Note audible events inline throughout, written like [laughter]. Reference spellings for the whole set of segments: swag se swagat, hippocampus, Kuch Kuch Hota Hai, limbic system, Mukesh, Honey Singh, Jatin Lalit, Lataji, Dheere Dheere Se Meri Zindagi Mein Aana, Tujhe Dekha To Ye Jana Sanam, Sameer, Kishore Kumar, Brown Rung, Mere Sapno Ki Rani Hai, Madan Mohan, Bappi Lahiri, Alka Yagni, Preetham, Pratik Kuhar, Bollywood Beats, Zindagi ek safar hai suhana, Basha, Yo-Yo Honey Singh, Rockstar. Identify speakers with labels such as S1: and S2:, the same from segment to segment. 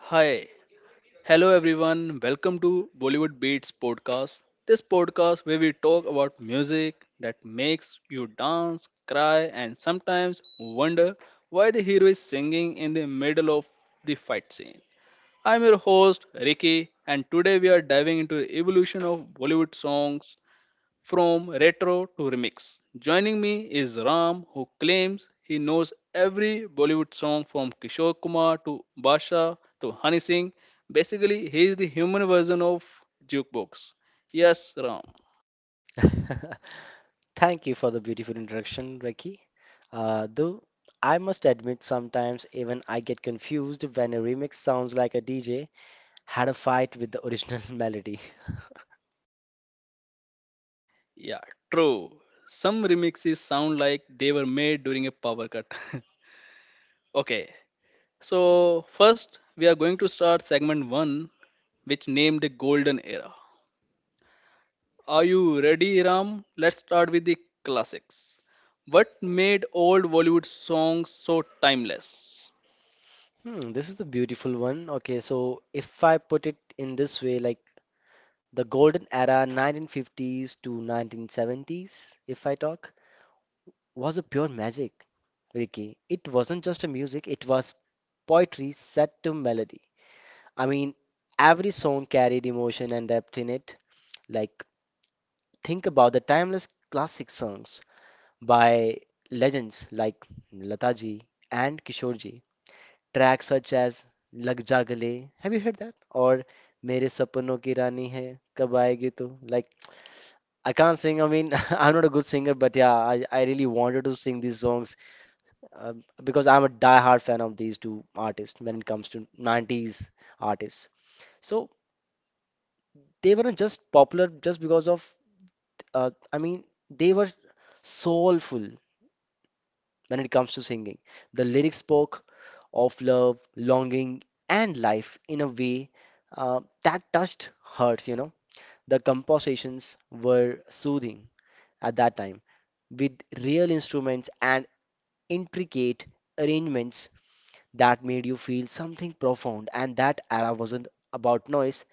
S1: Hi. Hello everyone. Welcome to Bollywood Beats podcast. This podcast where we talk about music that makes you dance, cry and sometimes wonder why the hero is singing in the middle of the fight scene. I'm your host Ricky and today we are diving into the evolution of Bollywood songs from retro to remix. Joining me is Ram, who claims he knows every Bollywood song from Kishore Kumar to Basha to Honey Singh. Basically, he is the human version of jukebox. Yes, Ram.
S2: [laughs] Thank you for the beautiful introduction, Ricky. Though I must admit, sometimes even I get confused when a remix sounds like a DJ had a fight with the original [laughs] melody.
S1: Yeah, true. Some remixes sound like they were made during a power cut. [laughs] Okay, so first we are going to start segment one, which named the golden era. Are you ready, Ram? Let's start with the classics. What made old Bollywood songs so timeless?
S2: Hmm, this is the beautiful one. Okay, so if I put it in this way, like the golden era 1950s to 1970s, if I talk, was a pure magic, Ricky. It wasn't just a music, it was poetry set to melody. I mean, every song carried emotion and depth in it. Like, think about the timeless classic songs by legends like Lataji and Kishoreji. Tracks such as Lag Ja Gale, have you heard that? Or Mere Sapno Ki Rani Hai, Kab Aayegi Tu? Like, I can't sing. I mean, [laughs] I'm not a good singer, but yeah, I really wanted to sing these songs uh, because I'm a die-hard fan of these two artists when it comes to 90s artists. So they weren't just popular just because of uh, i mean they were soulful when it comes to singing, the lyrics spoke of love, longing and life in a way that touched hearts, you know. The compositions were soothing at that time, with real instruments and intricate arrangements that made you feel something profound, and that era wasn't about noise.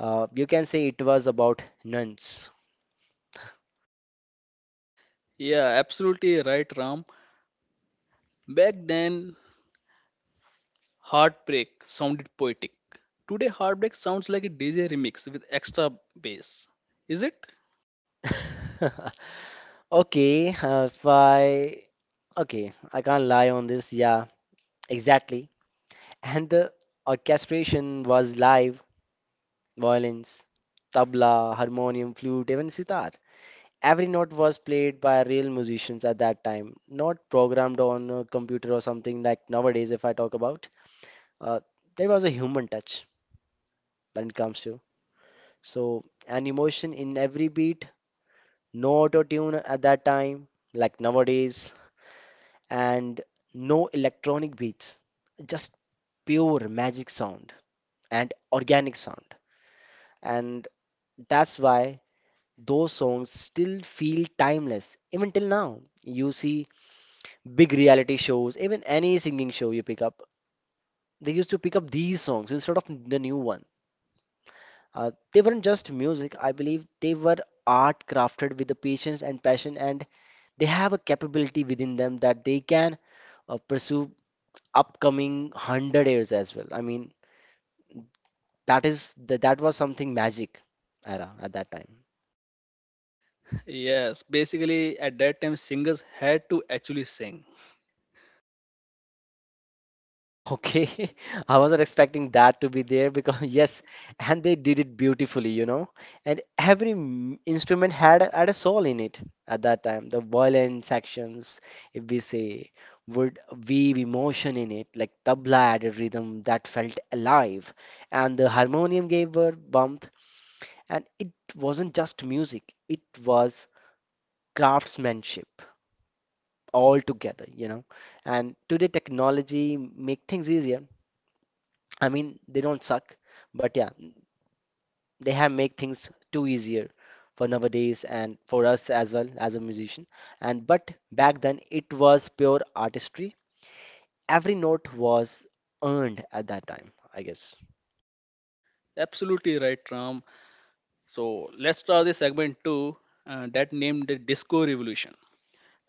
S2: You can say it was about nuns.
S1: Yeah, absolutely right, Ram. Back then, heartbreak sounded poetic. Today, heartbreak sounds like a DJ remix with extra bass. Is it?
S2: [laughs] Okay, uh, if I okay, I can't lie on this. Yeah, exactly. [laughs] And the orchestration was live, violins, tabla, harmonium, flute, even sitar. Every note was played by real musicians at that time, not programmed on a computer or something like nowadays. If I talk about, uh, there was a human touch when it comes to so an emotion in every beat, no auto tune at that time, like nowadays. And no electronic beats, just pure magic sound and organic sound. And that's why those songs still feel timeless, even till now. You see big reality shows, even any singing show you pick up, they used to pick up these songs instead of the new one. They weren't just music, I believe they were art crafted with the patience and passion, and they have a capability within them that they can pursue upcoming 100 years as well. I mean, that was something magic era at that time.
S1: Yes, basically, at that time, singers had to actually sing.
S2: [laughs] Okay, I wasn't expecting that to be there because [laughs] yes, and they did it beautifully, you know. And every instrument had a soul in it at that time. The violin sections, if we say, would weave emotion in it, like tabla added rhythm that felt alive, and the harmonium gave her warmth. And it wasn't just music; it was craftsmanship, all together, you know. And today technology make things easier. I mean, they don't suck, but yeah, they have make things too easier for nowadays and for us as well as a musician. And but back then it was pure artistry. Every note was earned at that time, I guess.
S1: Absolutely right, Ram. So, let's start the segment two that named the Disco Revolution.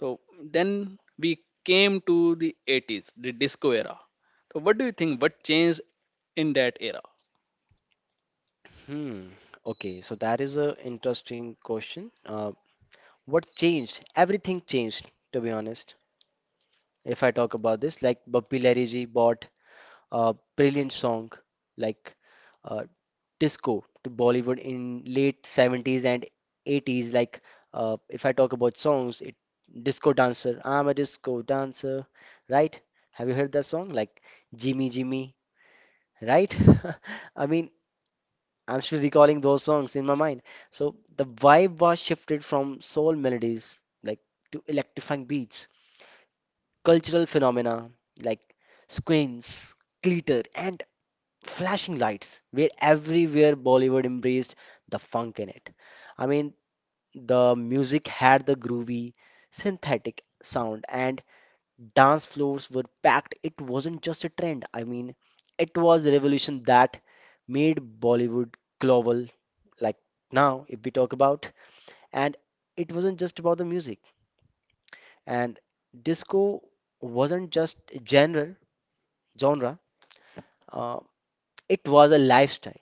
S1: So then we came to the 80s, the disco era. So what do you think? What changed in that era?
S2: Hmm. Okay, so that is a interesting question. What changed? Everything changed, to be honest. If I talk about this, like Bobby Larry bought a brilliant song like uh, disco to Bollywood in late 70s and 80s. Like if I talk about songs, it disco dancer. I'm a disco dancer, right? Have you heard that song? Like Jimmy Jimmy, right? [laughs] I mean, I'm still recalling those songs in my mind. So the vibe was shifted from soul melodies like to electrifying beats, cultural phenomena like squints, glitter, and flashing lights where everywhere Bollywood embraced the funk in it. I mean, the music had the groovy, synthetic sound, and dance floors were packed. It wasn't just a trend, I mean, it was the revolution that made Bollywood global, like now, if we talk about. And it wasn't just about the music, and disco wasn't just a genre. Uh, it was a lifestyle.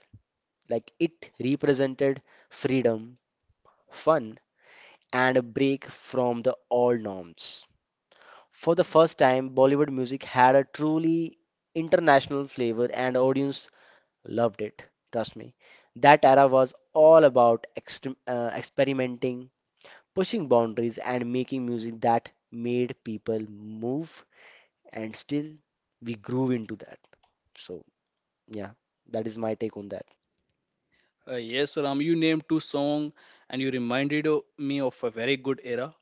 S2: Like it represented freedom, fun, and a break from the old norms. For the first time, Bollywood music had a truly international flavor and audience loved it. Trust me. That era was all about extrem experimenting, pushing boundaries, and making music that made people move, and still we grew into that. So, yeah, that is my take on that.
S1: Yes, Ram, you named two songs and you reminded me of a very good era.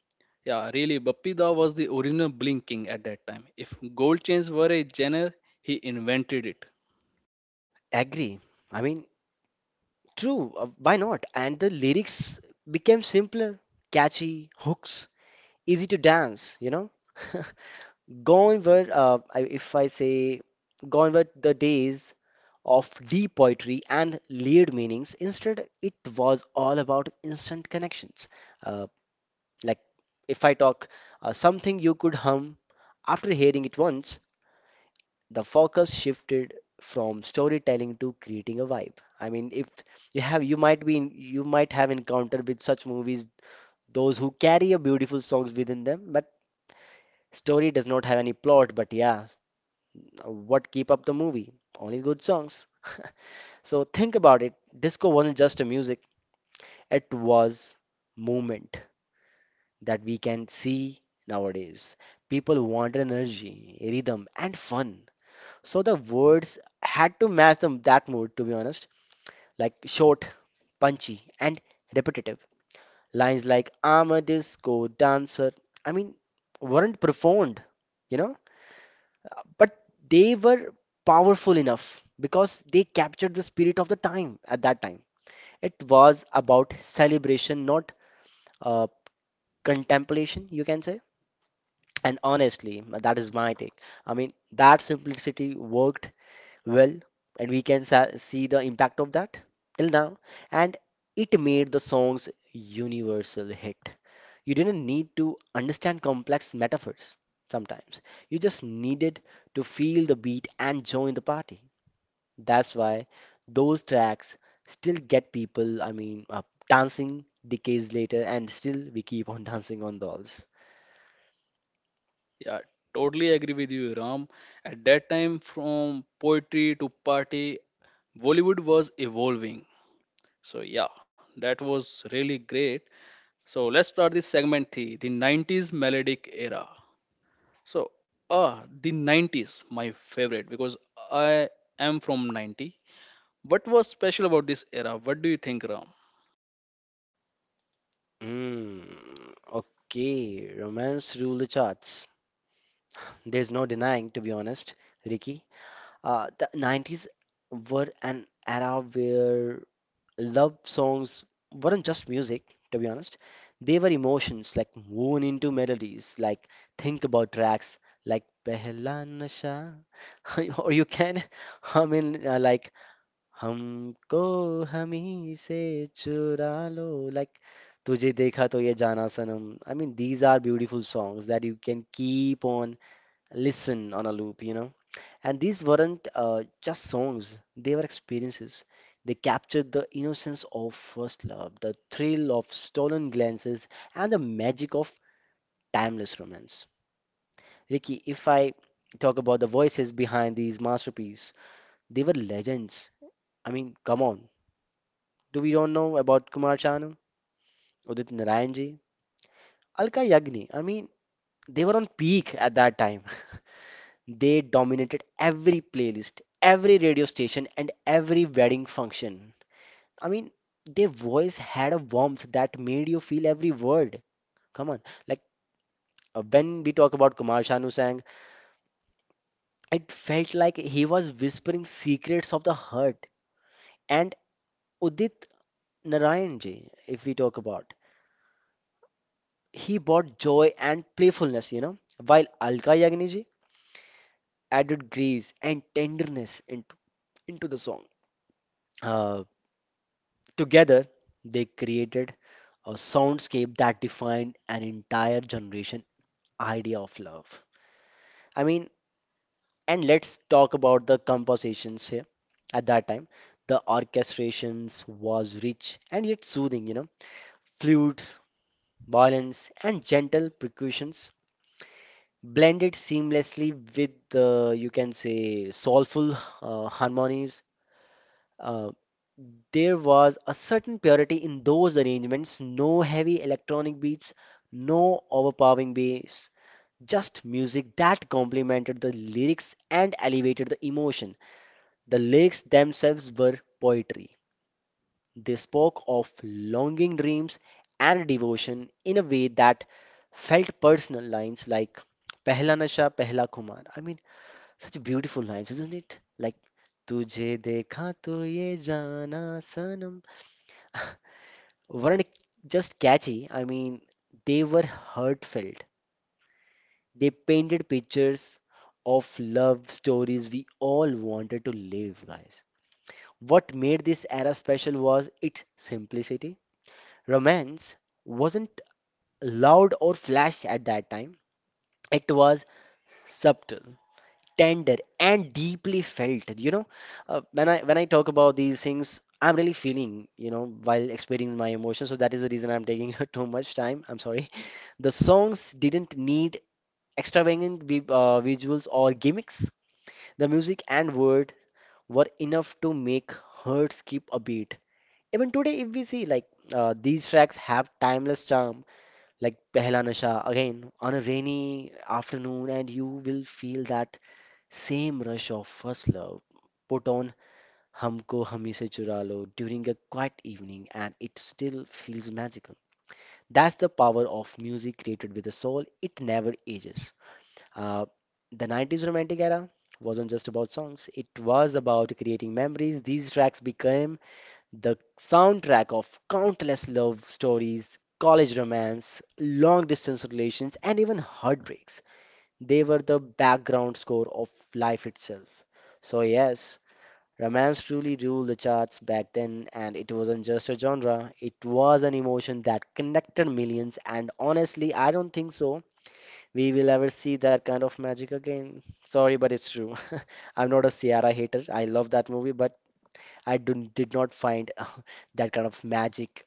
S1: Yeah, really, Bappi Da was the original Blinking at that time. If gold chains were a genre, he invented it.
S2: Agree. I mean, true, why not? And the lyrics became simpler, catchy, hooks, easy to dance, you know? [laughs] Gone were, I- if I say, gone were the days of deep poetry and layered meanings. Instead, it was all about instant connections. Uh, like, if I talk something you could hum after hearing it once, the focus shifted from storytelling to creating a vibe. I mean, if you might you might have encountered with such movies, those who carry a beautiful songs within them, but story does not have any plot. But yeah, what keep up the movie, only good songs. [laughs] So think about it, disco wasn't just a music, it was movement that we can see nowadays. People want energy, rhythm and fun, so the words had to match them that mood, to be honest. Like short, punchy, and repetitive. Lines like I'm a disco dancer, I mean, weren't profound, you know, but they were powerful enough because they captured the spirit of the time at that time. It was about celebration, not uh, contemplation, you can say. And honestly, that is my take. I mean, that simplicity worked well, and we can sa see the impact of that till now, and it made the song's universal hit. You didn't need to understand complex metaphors, sometimes you just needed to feel the beat and join the party. That's why those tracks still get people dancing decades later, and still we keep on [laughs] dancing on those.
S1: Yeah, totally agree with you, Ram. At that time, from poetry to party, Bollywood was evolving. So yeah, that was really great. So let's start this segment three, the 90s melodic era. So the 90s, my favorite because I am from 90. What was special about this era? What do you think, Ram?
S2: Mm, okay, romance rule the charts. There's no denying, to be honest, Ricky. The 90s were an era where love songs weren't just music, to be honest. They were emotions, like woven into melodies, like think about tracks like Pehla Nasha, [laughs] or you can [laughs] hum in like Humko Hami Se Chura Lo, like Tujhe Dekha To Ye Jana Sanam. I mean, these are beautiful songs that you can keep on listen on a loop, you know. And these weren't just songs, they were experiences. They captured the innocence of first love, the thrill of stolen glances, and the magic of timeless romance. Ricky, if I talk about the voices behind these masterpieces, they were legends. I mean, come on. Do we don't know about Kumar Sanu, Udit Narayan ji, Alka Yagni? I mean, they were on peak at that time. [laughs] They dominated every playlist, every radio station, and every wedding function. I mean, their voice had a warmth that made you feel every word. Come on, like when we talk about Kumar Sanu Sang, it felt like he was whispering secrets of the heart. And Udit Narayan ji, if we talk about, he brought joy and playfulness, you know, while Alka Yagni ji added grace and tenderness into the song. Uh, together, they created a soundscape that defined an entire generation idea of love. I mean, and let's talk about the compositions here. At that time, the orchestrations was rich and yet soothing, you know. Flutes, violins, and gentle percussions blended seamlessly with the, you can say, soulful harmonies. Uh, there was a certain purity in those arrangements, no heavy electronic beats, no overpowering bass, just music that complemented the lyrics and elevated the emotion. The lyrics themselves were poetry. They spoke of longing dreams and devotion in a way that felt personal, lines like Pehla Nasha Pehla Kumar. I mean, such beautiful lines, isn't it? Like Tujhe dekha to ye jana sanam weren't just catchy. I mean, they were heartfelt. They painted pictures of love stories we all wanted to live, guys. What made this era special was its simplicity. Romance wasn't loud or flash at that time. It was subtle, tender, and deeply felt. You know, when I talk about these things, I'm really feeling, you know, while experiencing my emotions. So that is the reason I'm taking [laughs] too much time. I'm sorry. [laughs] The songs didn't need extravagant visuals or gimmicks. The music and word were enough to make hearts skip a beat. Even today, if we see, like, these tracks have timeless charm, like Pehla Nasha, again, on a rainy afternoon, and you will feel that same rush of first love. Put on Humko Hami Se Chura Lo during a quiet evening, and it still feels magical. That's the power of music created with a soul, it never ages. Uh, the 90s romantic era wasn't just about songs, it was about creating memories. These tracks became the soundtrack of countless love stories, college romance, long distance relations, and even heartbreaks. They were the background score of life itself. So, yes, romance truly ruled the charts back then, and it wasn't just a genre, it was an emotion that connected millions. And honestly, I don't think so. We will ever see that kind of magic again. Sorry, but it's true. [laughs] I'm not a Sierra hater. I love that movie, but I didn't- did not find that kind of magic.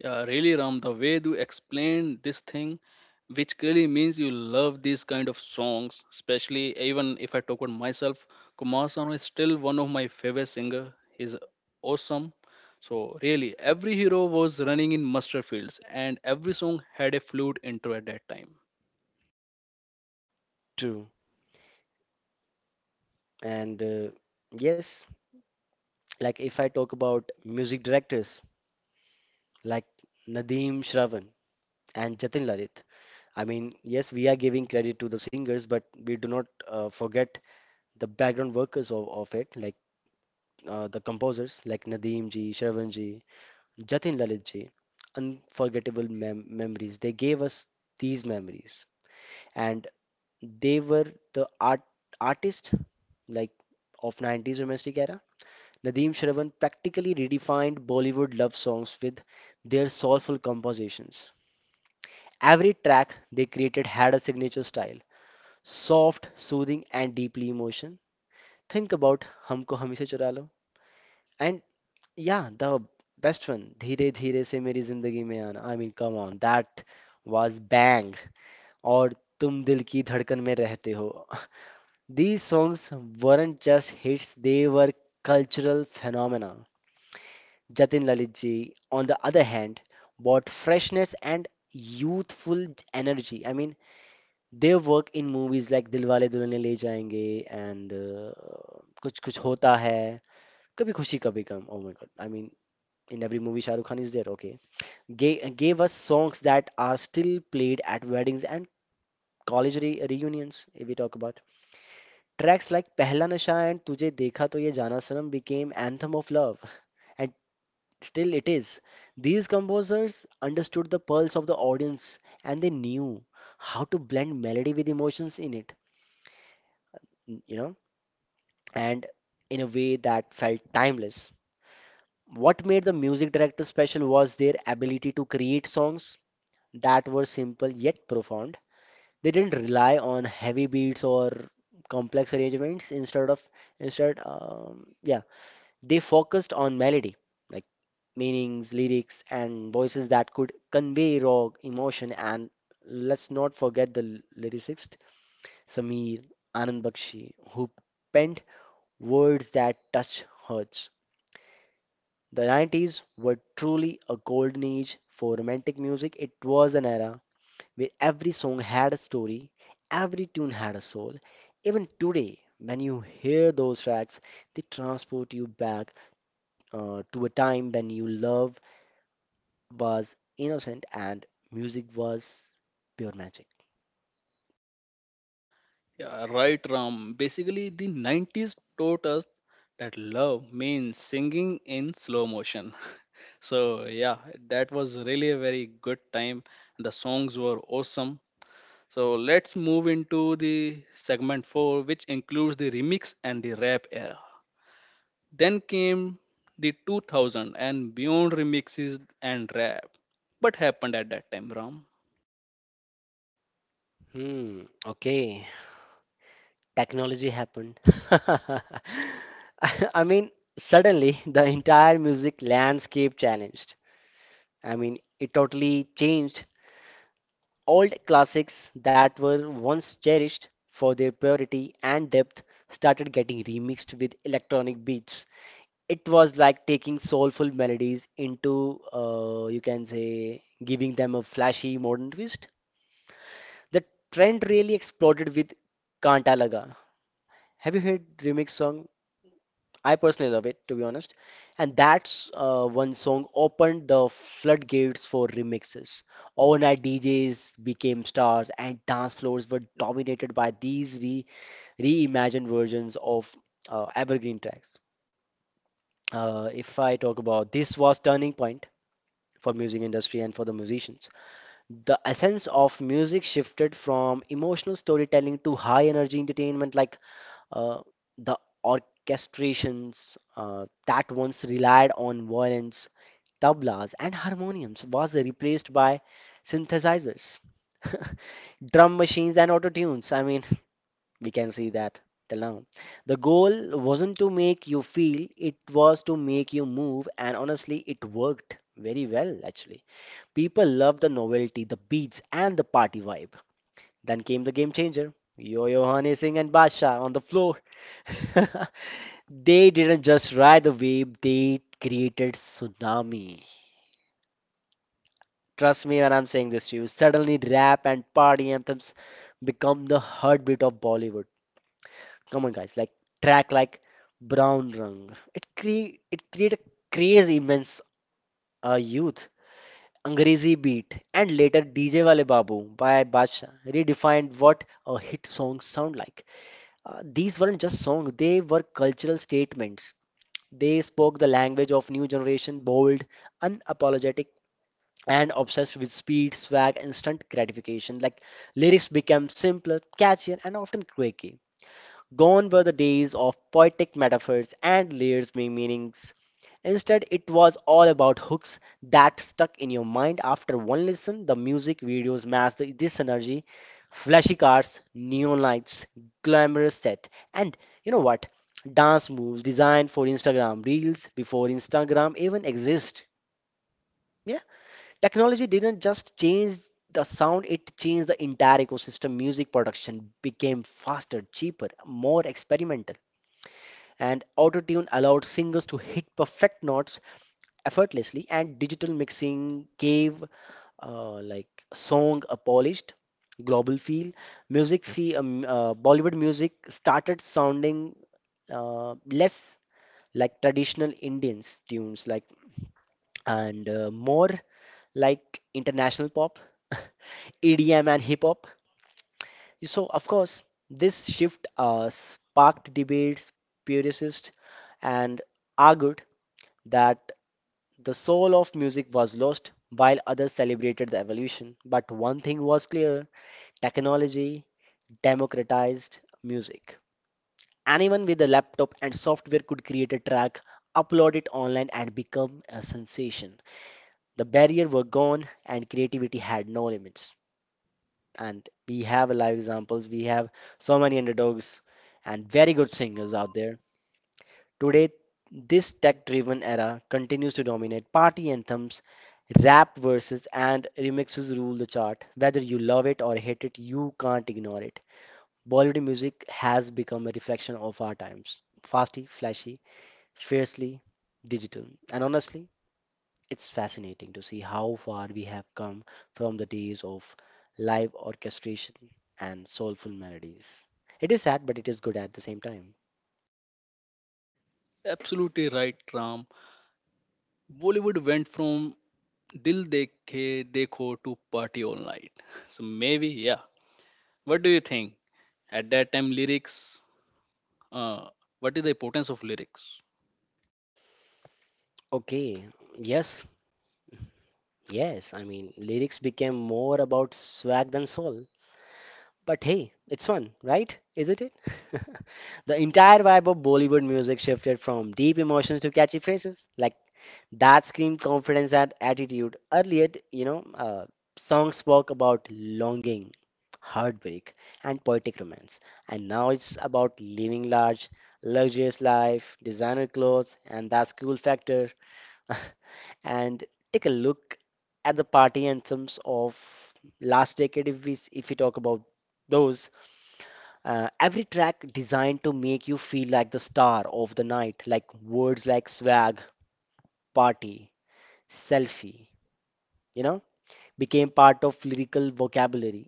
S1: Yeah, really, Ram, the way you explained this thing, which clearly means you love these kind of songs, especially even if I talk about myself, Kumar Sanu is still one of my favorite singer. He's awesome. So really, every hero was running in mustard fields, and every song had a flute intro at that time.
S2: True. And yes, like if I talk about music directors like Nadeem Shravan and Jatin Lalit, I mean, yes, we are giving credit to the singers, but we do not forget the background workers of it, like the composers like Nadeem ji, Shravan ji, Jatin Lalit ji. Unforgettable memories. They gave us these memories, and they were the artist like of nineties domestic era. Nadeem Shravan practically redefined Bollywood love songs with their soulful compositions. Every track they created had a signature style, soft, soothing, and deeply emotion. Think about Humko Humise Chura Lo. And yeah, the best one, Dheere Dheere Se Meri Zindagi Mein Aana. I mean, come on, that was bang. Or Tum Dil Ki Dhadkan Mein Rehte Ho. [laughs] These songs weren't just hits, they were cultural phenomena. Jatin Lalit ji, on the other hand, brought freshness and youthful energy. I mean, their work in movies like Dilwale Dulhaniya Le Jayenge and Kuch Kuch Hota Hai, Kabhi Khushi Kabhi Gum. Oh my God! I mean, in every movie, Shah Rukh Khan is there. Okay, gave us songs that are still played at weddings and college re reunions. If we talk about tracks like Pehla Nasha and Tujhe Dekha To Ye Jana Sanam, became anthem of love. And still, it is. These composers understood the pulse of the audience and they knew how to blend melody with emotions in it, you know, and in a way that felt timeless. What made the music director special was their ability to create songs that were simple yet profound. They didn't rely on heavy beats or complex arrangements instead of instead yeah They focused on melody, like meanings, lyrics, and voices that could convey raw emotion. And let's not forget the lyricist Sameer Anand Bakshi, who penned words that touch hearts. The nineties were truly a golden age for romantic music. It was an era where every song had a story, every tune had a soul. Even today, when you hear those tracks, they transport you back, to a time when you love was innocent and music was pure magic.
S1: Yeah, right, Ram. Basically, the 90s taught us that love means singing in slow motion. [laughs] So, yeah, that was really a very good time. The songs were awesome. So, let's move into the segment 4, which includes the remix and the rap era. Then came the 2000 and beyond remixes and rap. What happened at that time, Ram?
S2: Hmm, okay. Technology happened. [laughs] I mean, suddenly the entire music landscape challenged. I mean, it totally changed. Old classics that were once cherished for their purity and depth started getting remixed with electronic beats. It was like taking soulful melodies into, you can say, giving them a flashy modern twist. The trend really exploded with Kanta Laga. Have you heard remix song? I personally love it, to be honest. And that's one song opened the floodgates for remixes. Overnight DJs became stars, and dance floors were dominated by these re reimagined versions of evergreen tracks. If I talk about, this was turning point for music industry and for the musicians. The essence of music shifted from emotional storytelling to high energy entertainment, like uh, the orchestrations that once relied on violins, tablas, and harmoniums was replaced by synthesizers, [laughs] drum machines, and auto tunes. I mean, [laughs] we can see that till now. The goal wasn't to make you feel, it was to make you move, and honestly, it worked very well actually. People loved the novelty, the beats, and the party vibe. Then came the game changer. Yo-Yo Honey Singh and Badshah on the floor. [laughs] They didn't just ride the wave, they created tsunami. Trust me when I'm saying this to you. Suddenly rap and party anthems become the heartbeat of Bollywood. Come on guys, like track like Brown Rung. It cre it created craze immense youth. Angrezi Beat, and later DJ Wale Babu by Badshah redefined what a hit song sound like. These weren't just songs, they were cultural statements. They spoke the language of new generation, bold, unapologetic, and obsessed with speed, swag, instant gratification. Like lyrics became simpler, catchier, and often quick. Gone were the days of poetic metaphors and layers made meanings. Instead, it was all about hooks that stuck in your mind after one listen. The music videos matched this energy. Flashy cars, neon lights, glamorous set, and you know what? Dance moves designed for Instagram reels before Instagram even exist. Yeah, technology didn't just change the sound, it changed the entire ecosystem. Music production became faster, cheaper, more experimental, and autotune allowed singers to hit perfect notes effortlessly, and digital mixing gave like song a polished global feel. Music fee um, uh, bollywood music started sounding uh, less like traditional indian tunes like and more like international pop, [laughs] EDM and hip hop. So, of course, this shift sparked debates, purists, and argued that the soul of music was lost while others celebrated the evolution. But one thing was clear, technology democratized music. Anyone with a laptop and software could create a track, upload it online, and become a sensation. The barrier were gone, and creativity had no limits. And we have live examples, we have so many underdogs and very good singers out there. Today, this tech driven era continues to dominate. Party anthems, rap verses, and remixes rule the chart. Whether you love it or hate it, you can't ignore it. Bollywood music has become a reflection of our times, fasty, flashy, fiercely digital. And honestly, it's fascinating to see how far we have come from the days of live orchestration and soulful melodies. It is sad, but it is good at the same time.
S1: Absolutely right, Ram. Bollywood went from Dil Dekhe Dekho to party all night. [laughs] So maybe, yeah. What do you think? At that time, uh, what is the importance of lyrics?
S2: Okay, yes, yes, I mean, lyrics became more about swag than soul. But hey, it's fun, right? Isn't it? [laughs] The entire vibe of Bollywood music shifted from deep emotions to catchy phrases, like that screamed confidence and attitude. Earlier, you know, songs spoke about longing, heartbreak, and poetic romance. And now it's about living large, luxurious life, designer clothes, and that cool factor. [laughs] And take a look at the party anthems of last decade. If if we talk about those, every track designed to make you feel like the star of the night, like words like swag, party, selfie, you know, became part of lyrical vocabulary.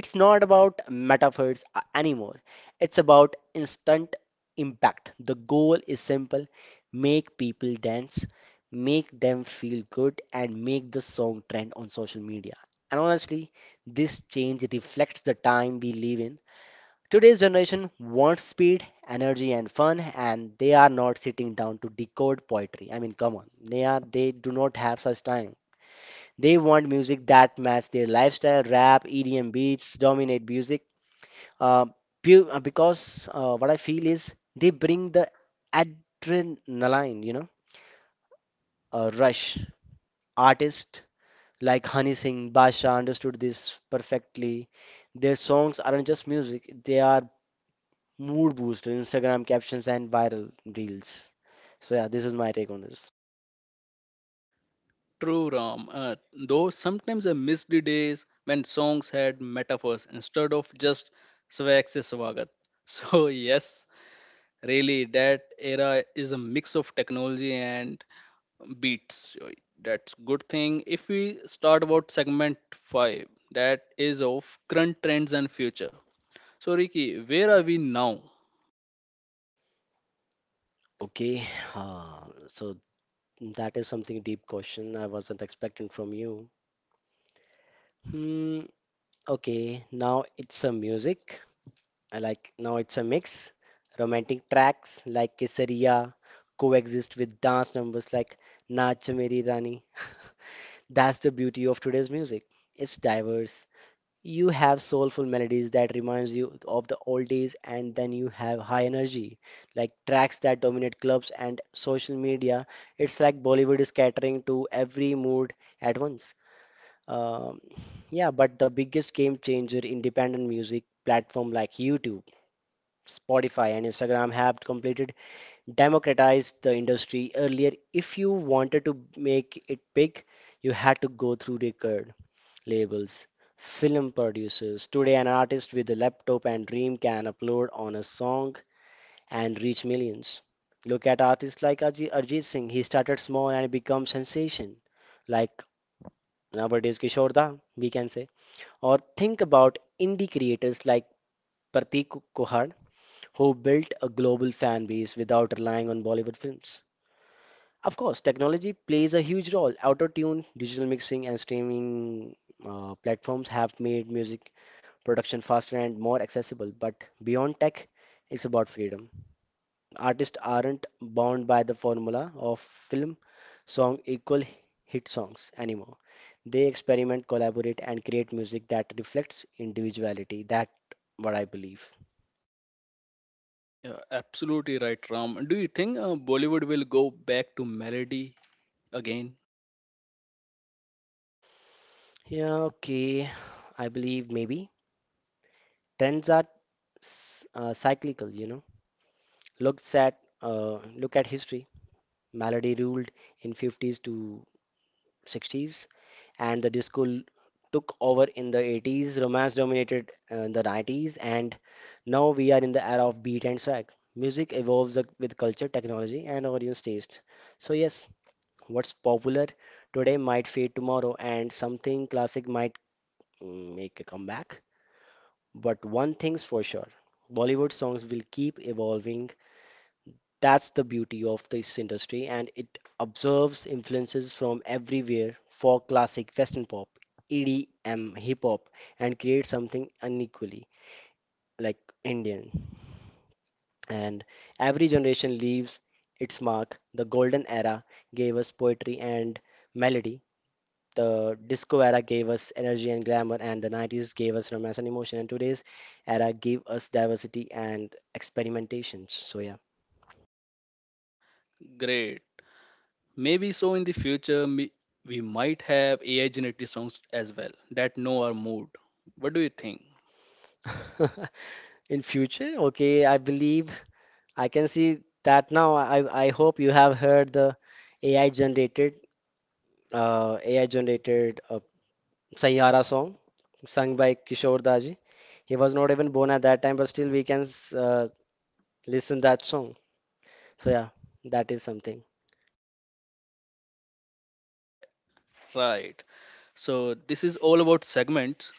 S2: It's not about metaphors anymore. It's about instant impact. The goal is simple, make people dance, make them feel good, and make the song trend on social media. And honestly, this change reflects the time we live in. Today's generation wants speed, energy, and fun, and they are not sitting down to decode poetry. I mean, come on, they do not have such time. They want music that match their lifestyle. Rap, EDM beats dominate music, uh, because what I feel is they bring the adrenaline, you know, a rush. Artists like Honey Singh, Basha understood this perfectly. Their songs aren't just music, they are mood booster, Instagram captions, and viral reels. So, yeah, this is my take on this.
S1: True, Ram. Though sometimes I miss the days when songs had metaphors instead of just swag se swagat. [laughs] So, yes, really, that era is a mix of technology and beats. So that's good thing. If we start about segment 5, that is of current trends and future. So, Ricky, where are we now?
S2: Okay, so that is something deep question I wasn't expecting from you. Hmm, okay, now it's a music. I like now it's a mix. Romantic tracks like Kesariya coexist with dance numbers like Naach Meri Rani. [laughs] That's the beauty of today's music. It's diverse. You have soulful melodies that reminds you of the old days and then you have high energy like tracks that dominate clubs and social media. It's like Bollywood is catering to every mood at once. Um, yeah, but the biggest game changer, independent music platform like YouTube, Spotify and Instagram have completed democratized the industry. Earlier, if you wanted to make it big, you had to go through record labels, film producers. Today, an artist with a laptop and dream can upload on a song and reach millions. Look at artists like Arjit Singh. He started small and become sensation. Like nowadays Kishore Da, we can say. Or think about indie creators like Pratik Kuhar who built a global fan base without relying on Bollywood films. Of course, technology plays a huge role. Auto tune, digital mixing, and streaming platforms have made music production faster and more accessible. But beyond tech, it's about freedom. Artists aren't bound by the formula of film song equal hit songs anymore. They experiment, collaborate, and create music that reflects individuality. That what I believe.
S1: Yeah, absolutely right, Ram. Do you think Bollywood will go back to melody again?
S2: Yeah, okay. I believe maybe. Trends are cyclical, you know. Look at history. Melody ruled in fifties to sixties, and the took over in the eighties. Romance dominated the nineties, and now we are in the era of beat and swag. Music evolves with culture, technology, and audience taste. So yes, what's popular today might fade tomorrow, and something classic might make a comeback. But one thing's for sure, Bollywood songs will keep evolving. That's the beauty of this industry, and it absorbs influences from everywhere: folk, classic, Western pop, EDM, hip hop, and creates something unequally like Indian. And every generation leaves its mark. The golden era gave us poetry and melody. The disco era gave us energy and glamour, and the 90s gave us romance and emotion, and today's era gave us diversity and experimentation. So, yeah. [laughs]
S1: Great. Maybe so in the future, we might have AI generated songs as well that know our mood. What do you think?
S2: In future, okay, I believe I can see that now. I hope you have heard the AI generated AI generated Sayyara song sung by Kishore Daji. He was not even born at that time, but still we can listen that song. So yeah, that is something.
S1: Right. Right. So, this is all about segments.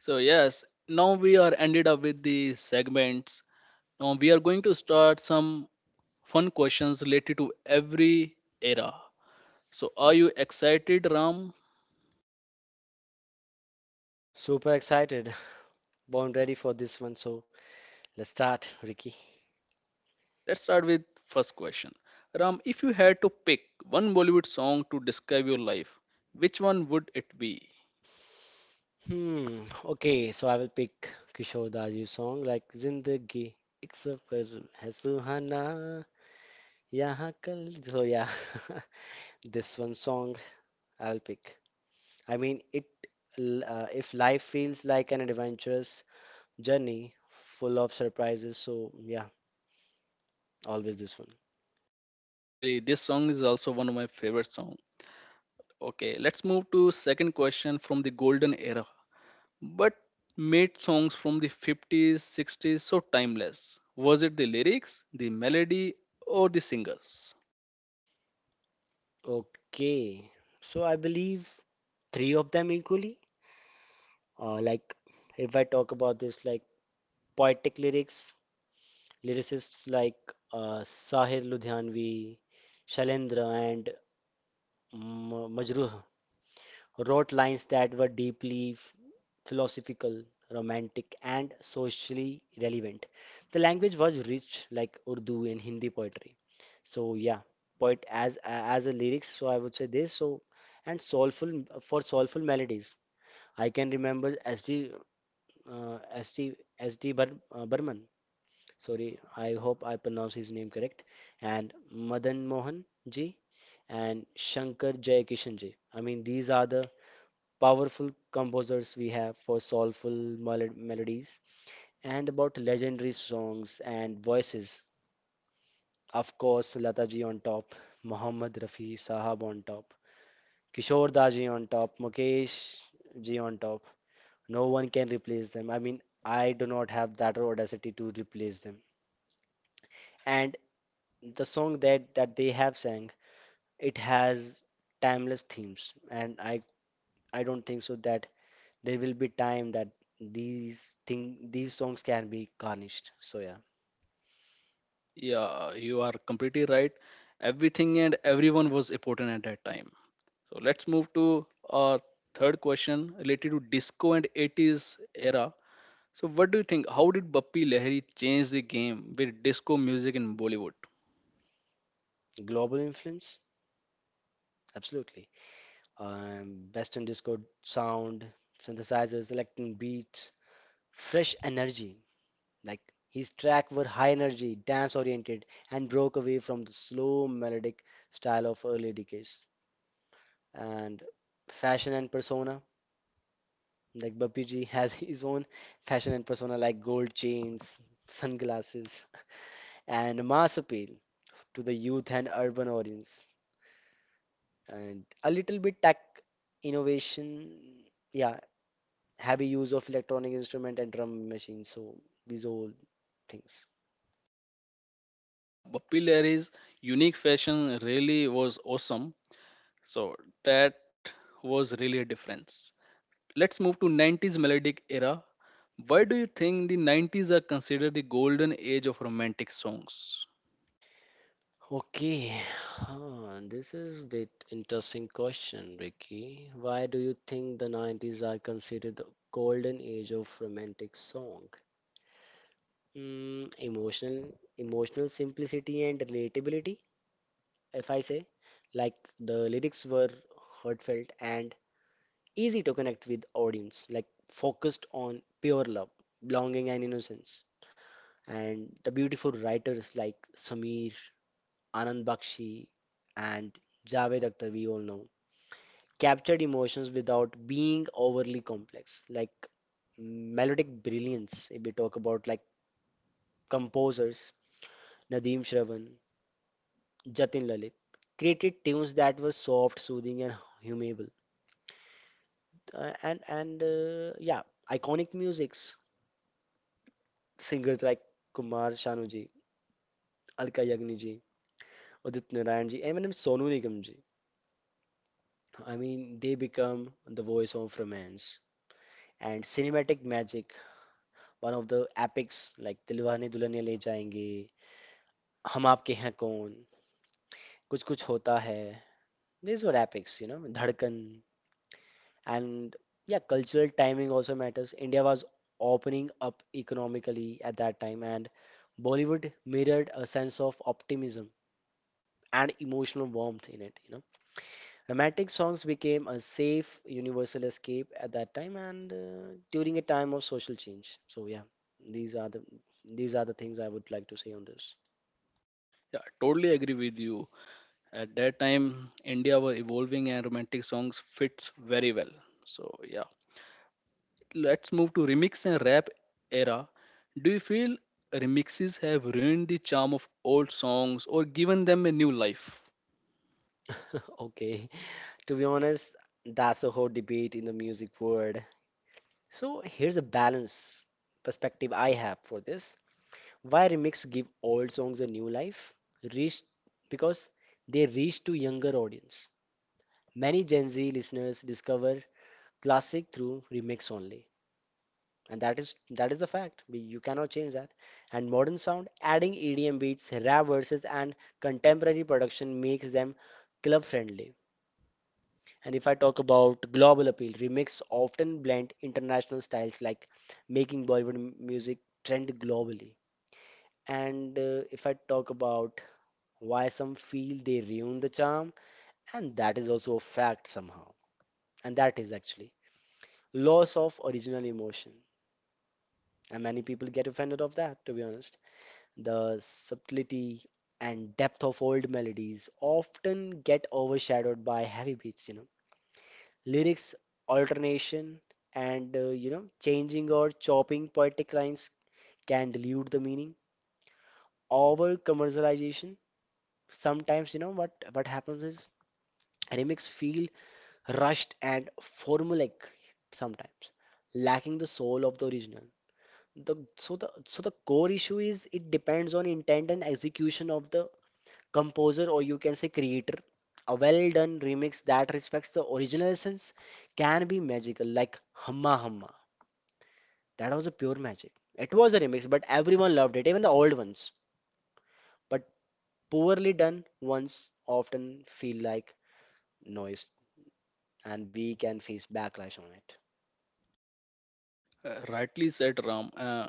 S1: So, yes, now we are ended up with the segments. Now, we are going to start some fun questions related to every era. So, are you excited, Ram?
S2: Super excited. Born ready for this one, so let's start, Ricky.
S1: Let's start with first question. Ram, if you had to pick one Bollywood song to describe your life, which one would it be?
S2: Hmm, okay, so I will pick Kishore Da's song like Zindagi ek safar hai suhana yahan kal, so yeah. [laughs] This one song I'll pick. I mean, it if life feels like an adventurous journey full of surprises, so yeah, always this one.
S1: Really, this song is also one of my favorite song. Okay, let's move to second question from the golden era. But made songs from the 50s, 60s so timeless? Was it the lyrics, the melody, or the singers?
S2: Okay, so I believe three of them equally, like if I talk about this, like poetic lyrics, lyricists like Sahir Ludhianvi, Shailendra, and Majruh wrote lines that were deeply philosophical, romantic, and socially relevant. The language was rich, like Urdu and Hindi poetry. So yeah, poet as a lyrics. So I would say this. So, and soulful, for soulful melodies. I can remember S.D. S.D. Burman. Sorry, I hope I pronounce his name correct, and Madan Mohan ji and Shankar Jayakishan ji. I mean, these are the powerful composers we have for soulful melodies, and about legendary songs and voices. Of course, Lata ji on top, Mohammad Rafi Sahab on top, Kishore Da ji on top, Mukesh ji on top. No one can replace them. I mean, I do not have that audacity to replace them. And the song that they have sang, it has timeless themes, and I don't think so that there will be time that these songs can be garnished, so yeah.
S1: Yeah, you are completely right. Everything and everyone was important at that time. So let's move to our third question related to disco and 80s era. So what do you think? How did Bappi Lahiri change the game with disco music in Bollywood?
S2: Global influence, absolutely. Western disco sound, synthesizers, electronic beats, fresh energy. Like his track were high energy, dance oriented, and broke away from the slow melodic style of early decades. And fashion and persona. Like Bappi ji has [laughs] his own fashion and persona, like gold chains, sunglasses, and mass appeal to the youth and urban audience. And a little bit tech innovation, yeah, heavy use of electronic instrument and drum machines, so these all things.
S1: Yeah, Bappi Lahiri's unique fashion really was awesome. So that was really a difference. Let's move to 90s melodic era. Why do you think the 90s are considered the golden age of romantic songs?
S2: Okay, huh, this is a bit interesting question, Ricky. Why do you think the 90s are considered the golden age of romantic song? Mm, emotional simplicity and relatability, if I say. Like, the lyrics were heartfelt and easy to connect with audience, like focused on pure love, belonging and innocence. And the beautiful writers like Sameer, Anand Bakshi, and Javed Akhtar, we all know, captured emotions without being overly complex. Like melodic brilliance, if we talk about like composers, Nadeem Shravan, Jatin Lalit, created tunes that were soft, soothing, and hummable. And yeah, iconic musics. Singers like Kumar Sanu ji, Alka Yagni ji, Udit Narayan ji, and even Sonu Nigam ji. I mean, they become the voice of romance and cinematic magic. One of the epics like Dilwane Dulhaniya Le Jayenge, Hum Aapke Hain Kaun, Kuch Kuch Hota Hai. These were epics, you know, Dhadkan. And yeah, cultural timing also matters. India was opening up economically at that time, and Bollywood mirrored a sense of optimism and emotional warmth in it, you know. Romantic songs became a safe, universal escape at that time and during a time of social change. So yeah, these are the these are the things I would like to say on this.
S1: Yeah, I totally agree with you. At that time, India were evolving and romantic songs fits very well. So yeah, let's move to remix and rap era. Do you feel remixes have ruined the charm of old songs or given them a new life?
S2: [laughs] Okay, to be honest, that's the whole debate in the music world. So here's a balance perspective I have for this. Why remix give old songs a new life? Reach, because they reach to younger audience. Many Gen Z listeners discover classic through remix only. And that is the fact. You cannot change that. And modern sound, adding EDM beats, rap verses and contemporary production, makes them club friendly. And if I talk about global appeal, remix often blend international styles, like making Bollywood music trend globally. And if I talk about why some feel they ruin the charm, and that is also a fact somehow. And that is actually loss of original emotion. And many people get offended of that, to be honest. The subtlety and depth of old melodies often get overshadowed by heavy beats, you know. Lyrics alternation and you know, changing or chopping poetic lines can dilute the meaning. Over commercialization, sometimes, you know what happens is remix feel rushed and formulaic sometimes, lacking the soul of the original. The, so the so the core issue is it depends on intent and execution of the composer, or you can say creator. A well done remix that respects the original essence can be magical, like Hamma Hamma. That was a pure magic. It was a remix, but everyone loved it, even the old ones. But poorly done ones often feel like noise, and we can face backlash on it.
S1: Rightly said Ram. Uh,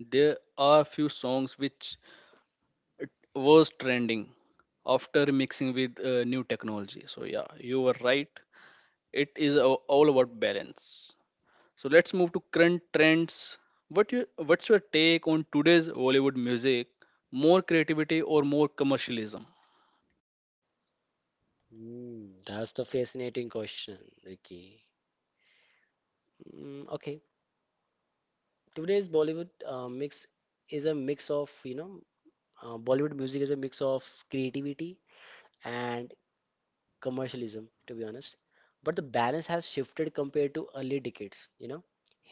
S1: there are few songs which it was trending after mixing with new technology. So yeah, you were right. It is all about balance. So let's move to current trends. What's your take on today's Bollywood music? More creativity or more commercialism?
S2: Mm, that's the fascinating question, Ricky. Mm, okay, today's Bollywood mix is a mix of, you know, Bollywood music is a mix of creativity and commercialism, to be honest. But the balance has shifted compared to early decades, you know.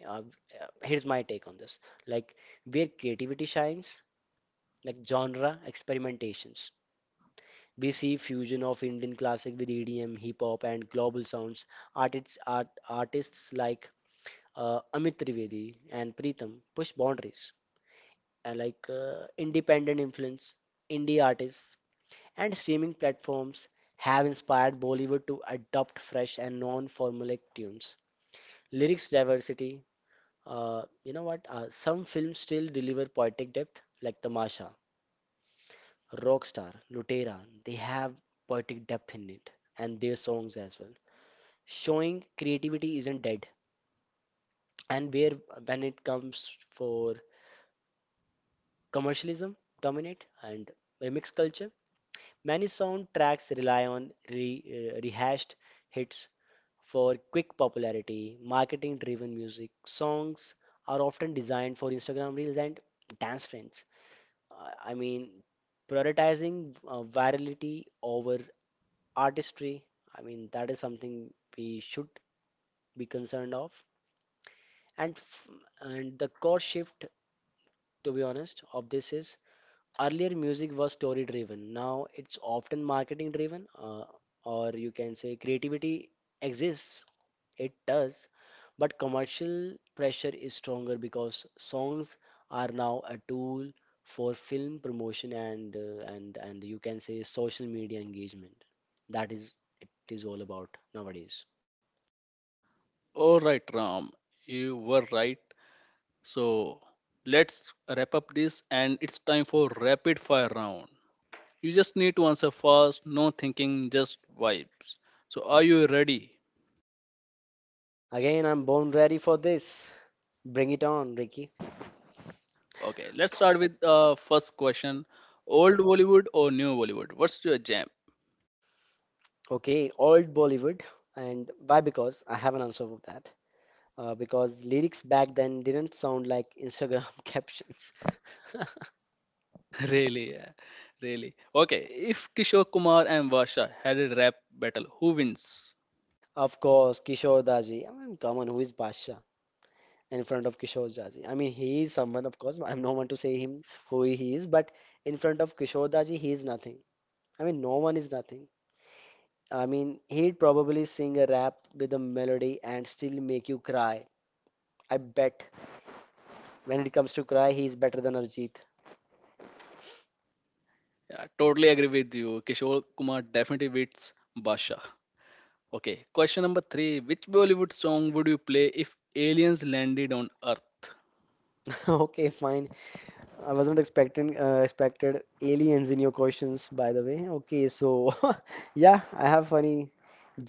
S2: Uh, here's my take on this. Like, where creativity shines, like genre experimentations. We see fusion of Indian classic with EDM, hip hop, and global sounds. Artists like Amit Trivedi and Preetham push boundaries, like independent influence, indie artists, and streaming platforms have inspired Bollywood to adopt fresh and non-formulaic tunes. Lyrics diversity, you know what? Some films still deliver poetic depth, like Tamasha, Rockstar, Lutera. They have poetic depth in it, and their songs as well, showing creativity isn't dead. And where when it comes for commercialism dominate and remix culture. Many soundtracks rely on rehashed hits for quick popularity. Marketing driven music songs are often designed for Instagram reels and dance trends. I mean, prioritizing virality over artistry. I mean, that is something we should be concerned of. And f- and the core shift, to be honest, of this is: earlier, music was story driven. Now it's often marketing driven, or you can say creativity exists, it does, but commercial pressure is stronger because songs are now a tool for film promotion and you can say social media engagement. That is it is all about nowadays.
S1: All right, Ram, you were right. So let's wrap up this, and it's time for rapid fire round. You just need to answer fast, no thinking, just vibes. So are you ready?
S2: Again, I'm born ready for this. Bring it on, Ricky.
S1: Okay, let's start with first question: Old Bollywood or new Bollywood? What's your jam?
S2: Okay, old Bollywood. And why? Because I have an answer for that. Because lyrics back then didn't sound like Instagram [laughs] captions. [laughs]
S1: [laughs] Really, yeah. Really. Okay, if Kishore Kumar and Varsha had a rap battle, who wins?
S2: Of course, Kishore Daji. I mean, come on, who is Basha in front of Kishore Daji? I mean, he is someone, of course. I'm no one to say him who he is, but in front of Kishore Daji, he is nothing. I mean, no one is nothing. I mean, he'd probably sing a rap with a melody and still make you cry. I bet when it comes to cry, he's better than Arjit.
S1: Yeah, totally agree with you. Kishore Kumar definitely beats Varsha. Okay, question number three. Which Bollywood song would you play if aliens landed on Earth?
S2: [laughs] Okay, fine. I was not expecting expected aliens in your questions, by the way. Okay, so [laughs] yeah, I have funny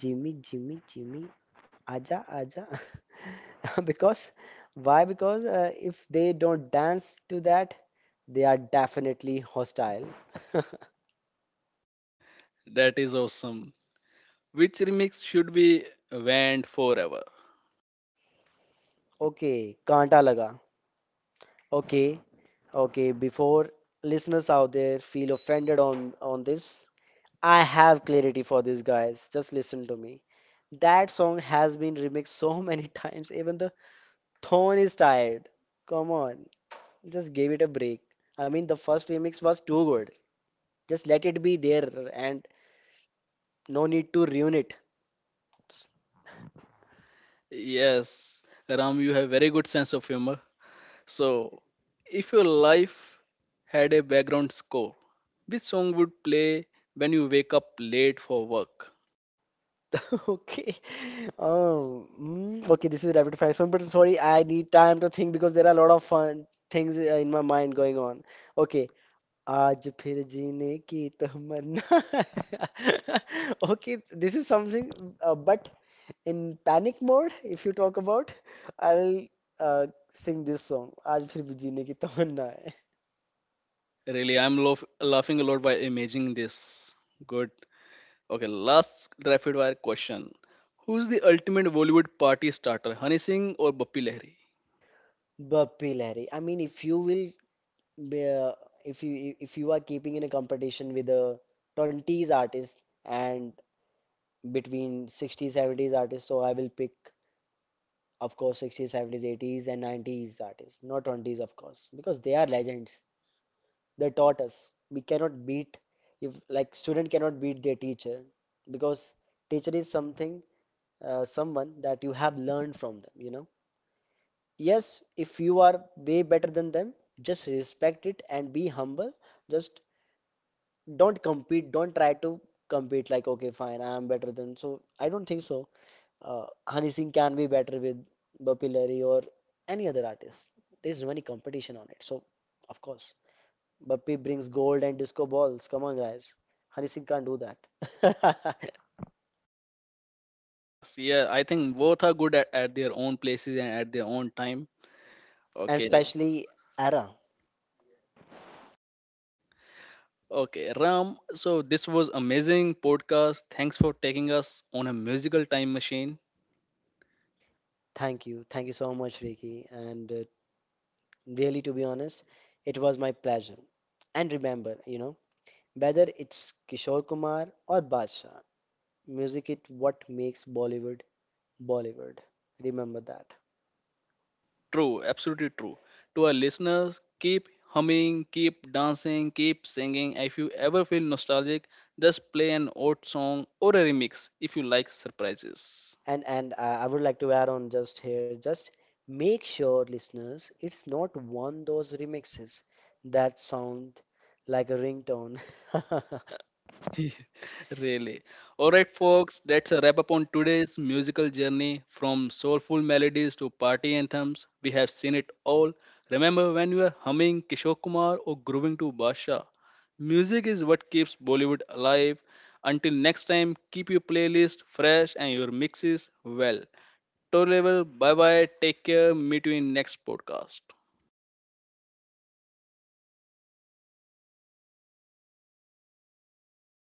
S2: Jimmy, Jimmy, Jimmy, aja, aja. [laughs] Because why? Because if they don't dance to that, they are definitely hostile. [laughs]
S1: That is awesome. Which remix should be banned forever?
S2: Okay, कांटा laga. Okay, okay. Before listeners out there feel offended on this, I have clarity for this, guys. Just listen to me. That song has been remixed so many [laughs] times, even the tone is tired. Come on, just give it a break. I mean, the first remix was too good. Just let it be there and no need to ruin it.
S1: Yes, Ram, you have very good sense of humor. So, if your life had a background score, which song would play when you wake up late for work?
S2: [laughs] Okay. Oh, mm, okay, this is rapid fire. So, but sorry, I need time to think because there are a lot of fun things in my mind going on. Okay, आज फिर जीने की तमन्ना. [laughs] Okay, this is something, but in panic mode, if you talk about, I'll uh, sing this song: आज फिर भी जीने की तमन्ना है.
S1: Really, I'm laughing a lot by imagining this. Good. Okay, last rapid fire question. Who's the ultimate Bollywood party starter, Honey Singh or Bappi Lahiri?
S2: Bappi Lahiri. I mean, if you will, be, if you if you are keeping in a competition with a 20s artist and between 60s, 70s artists, so I will pick, of course, 60s, 70s, 80s, and 90s artists, not 20s, of course, because they are legends. They taught us. We cannot beat, if like student cannot beat their teacher, because teacher is something, someone that you have learned from, them you know. Yes, if you are way better than them, just respect it and be humble. Just don't compete, don't try to compete like okay fine I am better than. So I don't think so uh, Honey Singh can be better with Bapilari or any other artist. There's many competition on it. So of course Bappi brings gold and disco balls. Come on, guys. Hari Singh can't do that.
S1: Yes, yeah, I think both are good at their own places and at their own time.
S2: [laughs] And
S1: Okay,
S2: especially Ara.
S1: okay, Ram. So this was amazing podcast. Thanks for taking us on a musical time machine.
S2: Thank you. Thank you so much, Ricky. And really, to be honest, it was my pleasure. And remember, you know, whether it's Kishore Kumar or Badshah, music is what makes Bollywood Bollywood. Remember that.
S1: True, absolutely true. To our listeners, keep humming, keep dancing, keep singing. If you ever feel nostalgic, just play an old song or a remix if you like surprises.
S2: And I would like to add on just here, just make sure, listeners, it's not one those remixes that sound like a ringtone. [laughs]
S1: [laughs] Really. All right, folks, that's a wrap up on today's musical journey from soulful melodies to party anthems. We have seen it all. Remember when you are humming Kishore Kumar or grooving to Basha? Music is what keeps Bollywood alive. Until next time, keep your playlist fresh and your mixes well. Toe level, bye bye. Take care. Meet you in next podcast.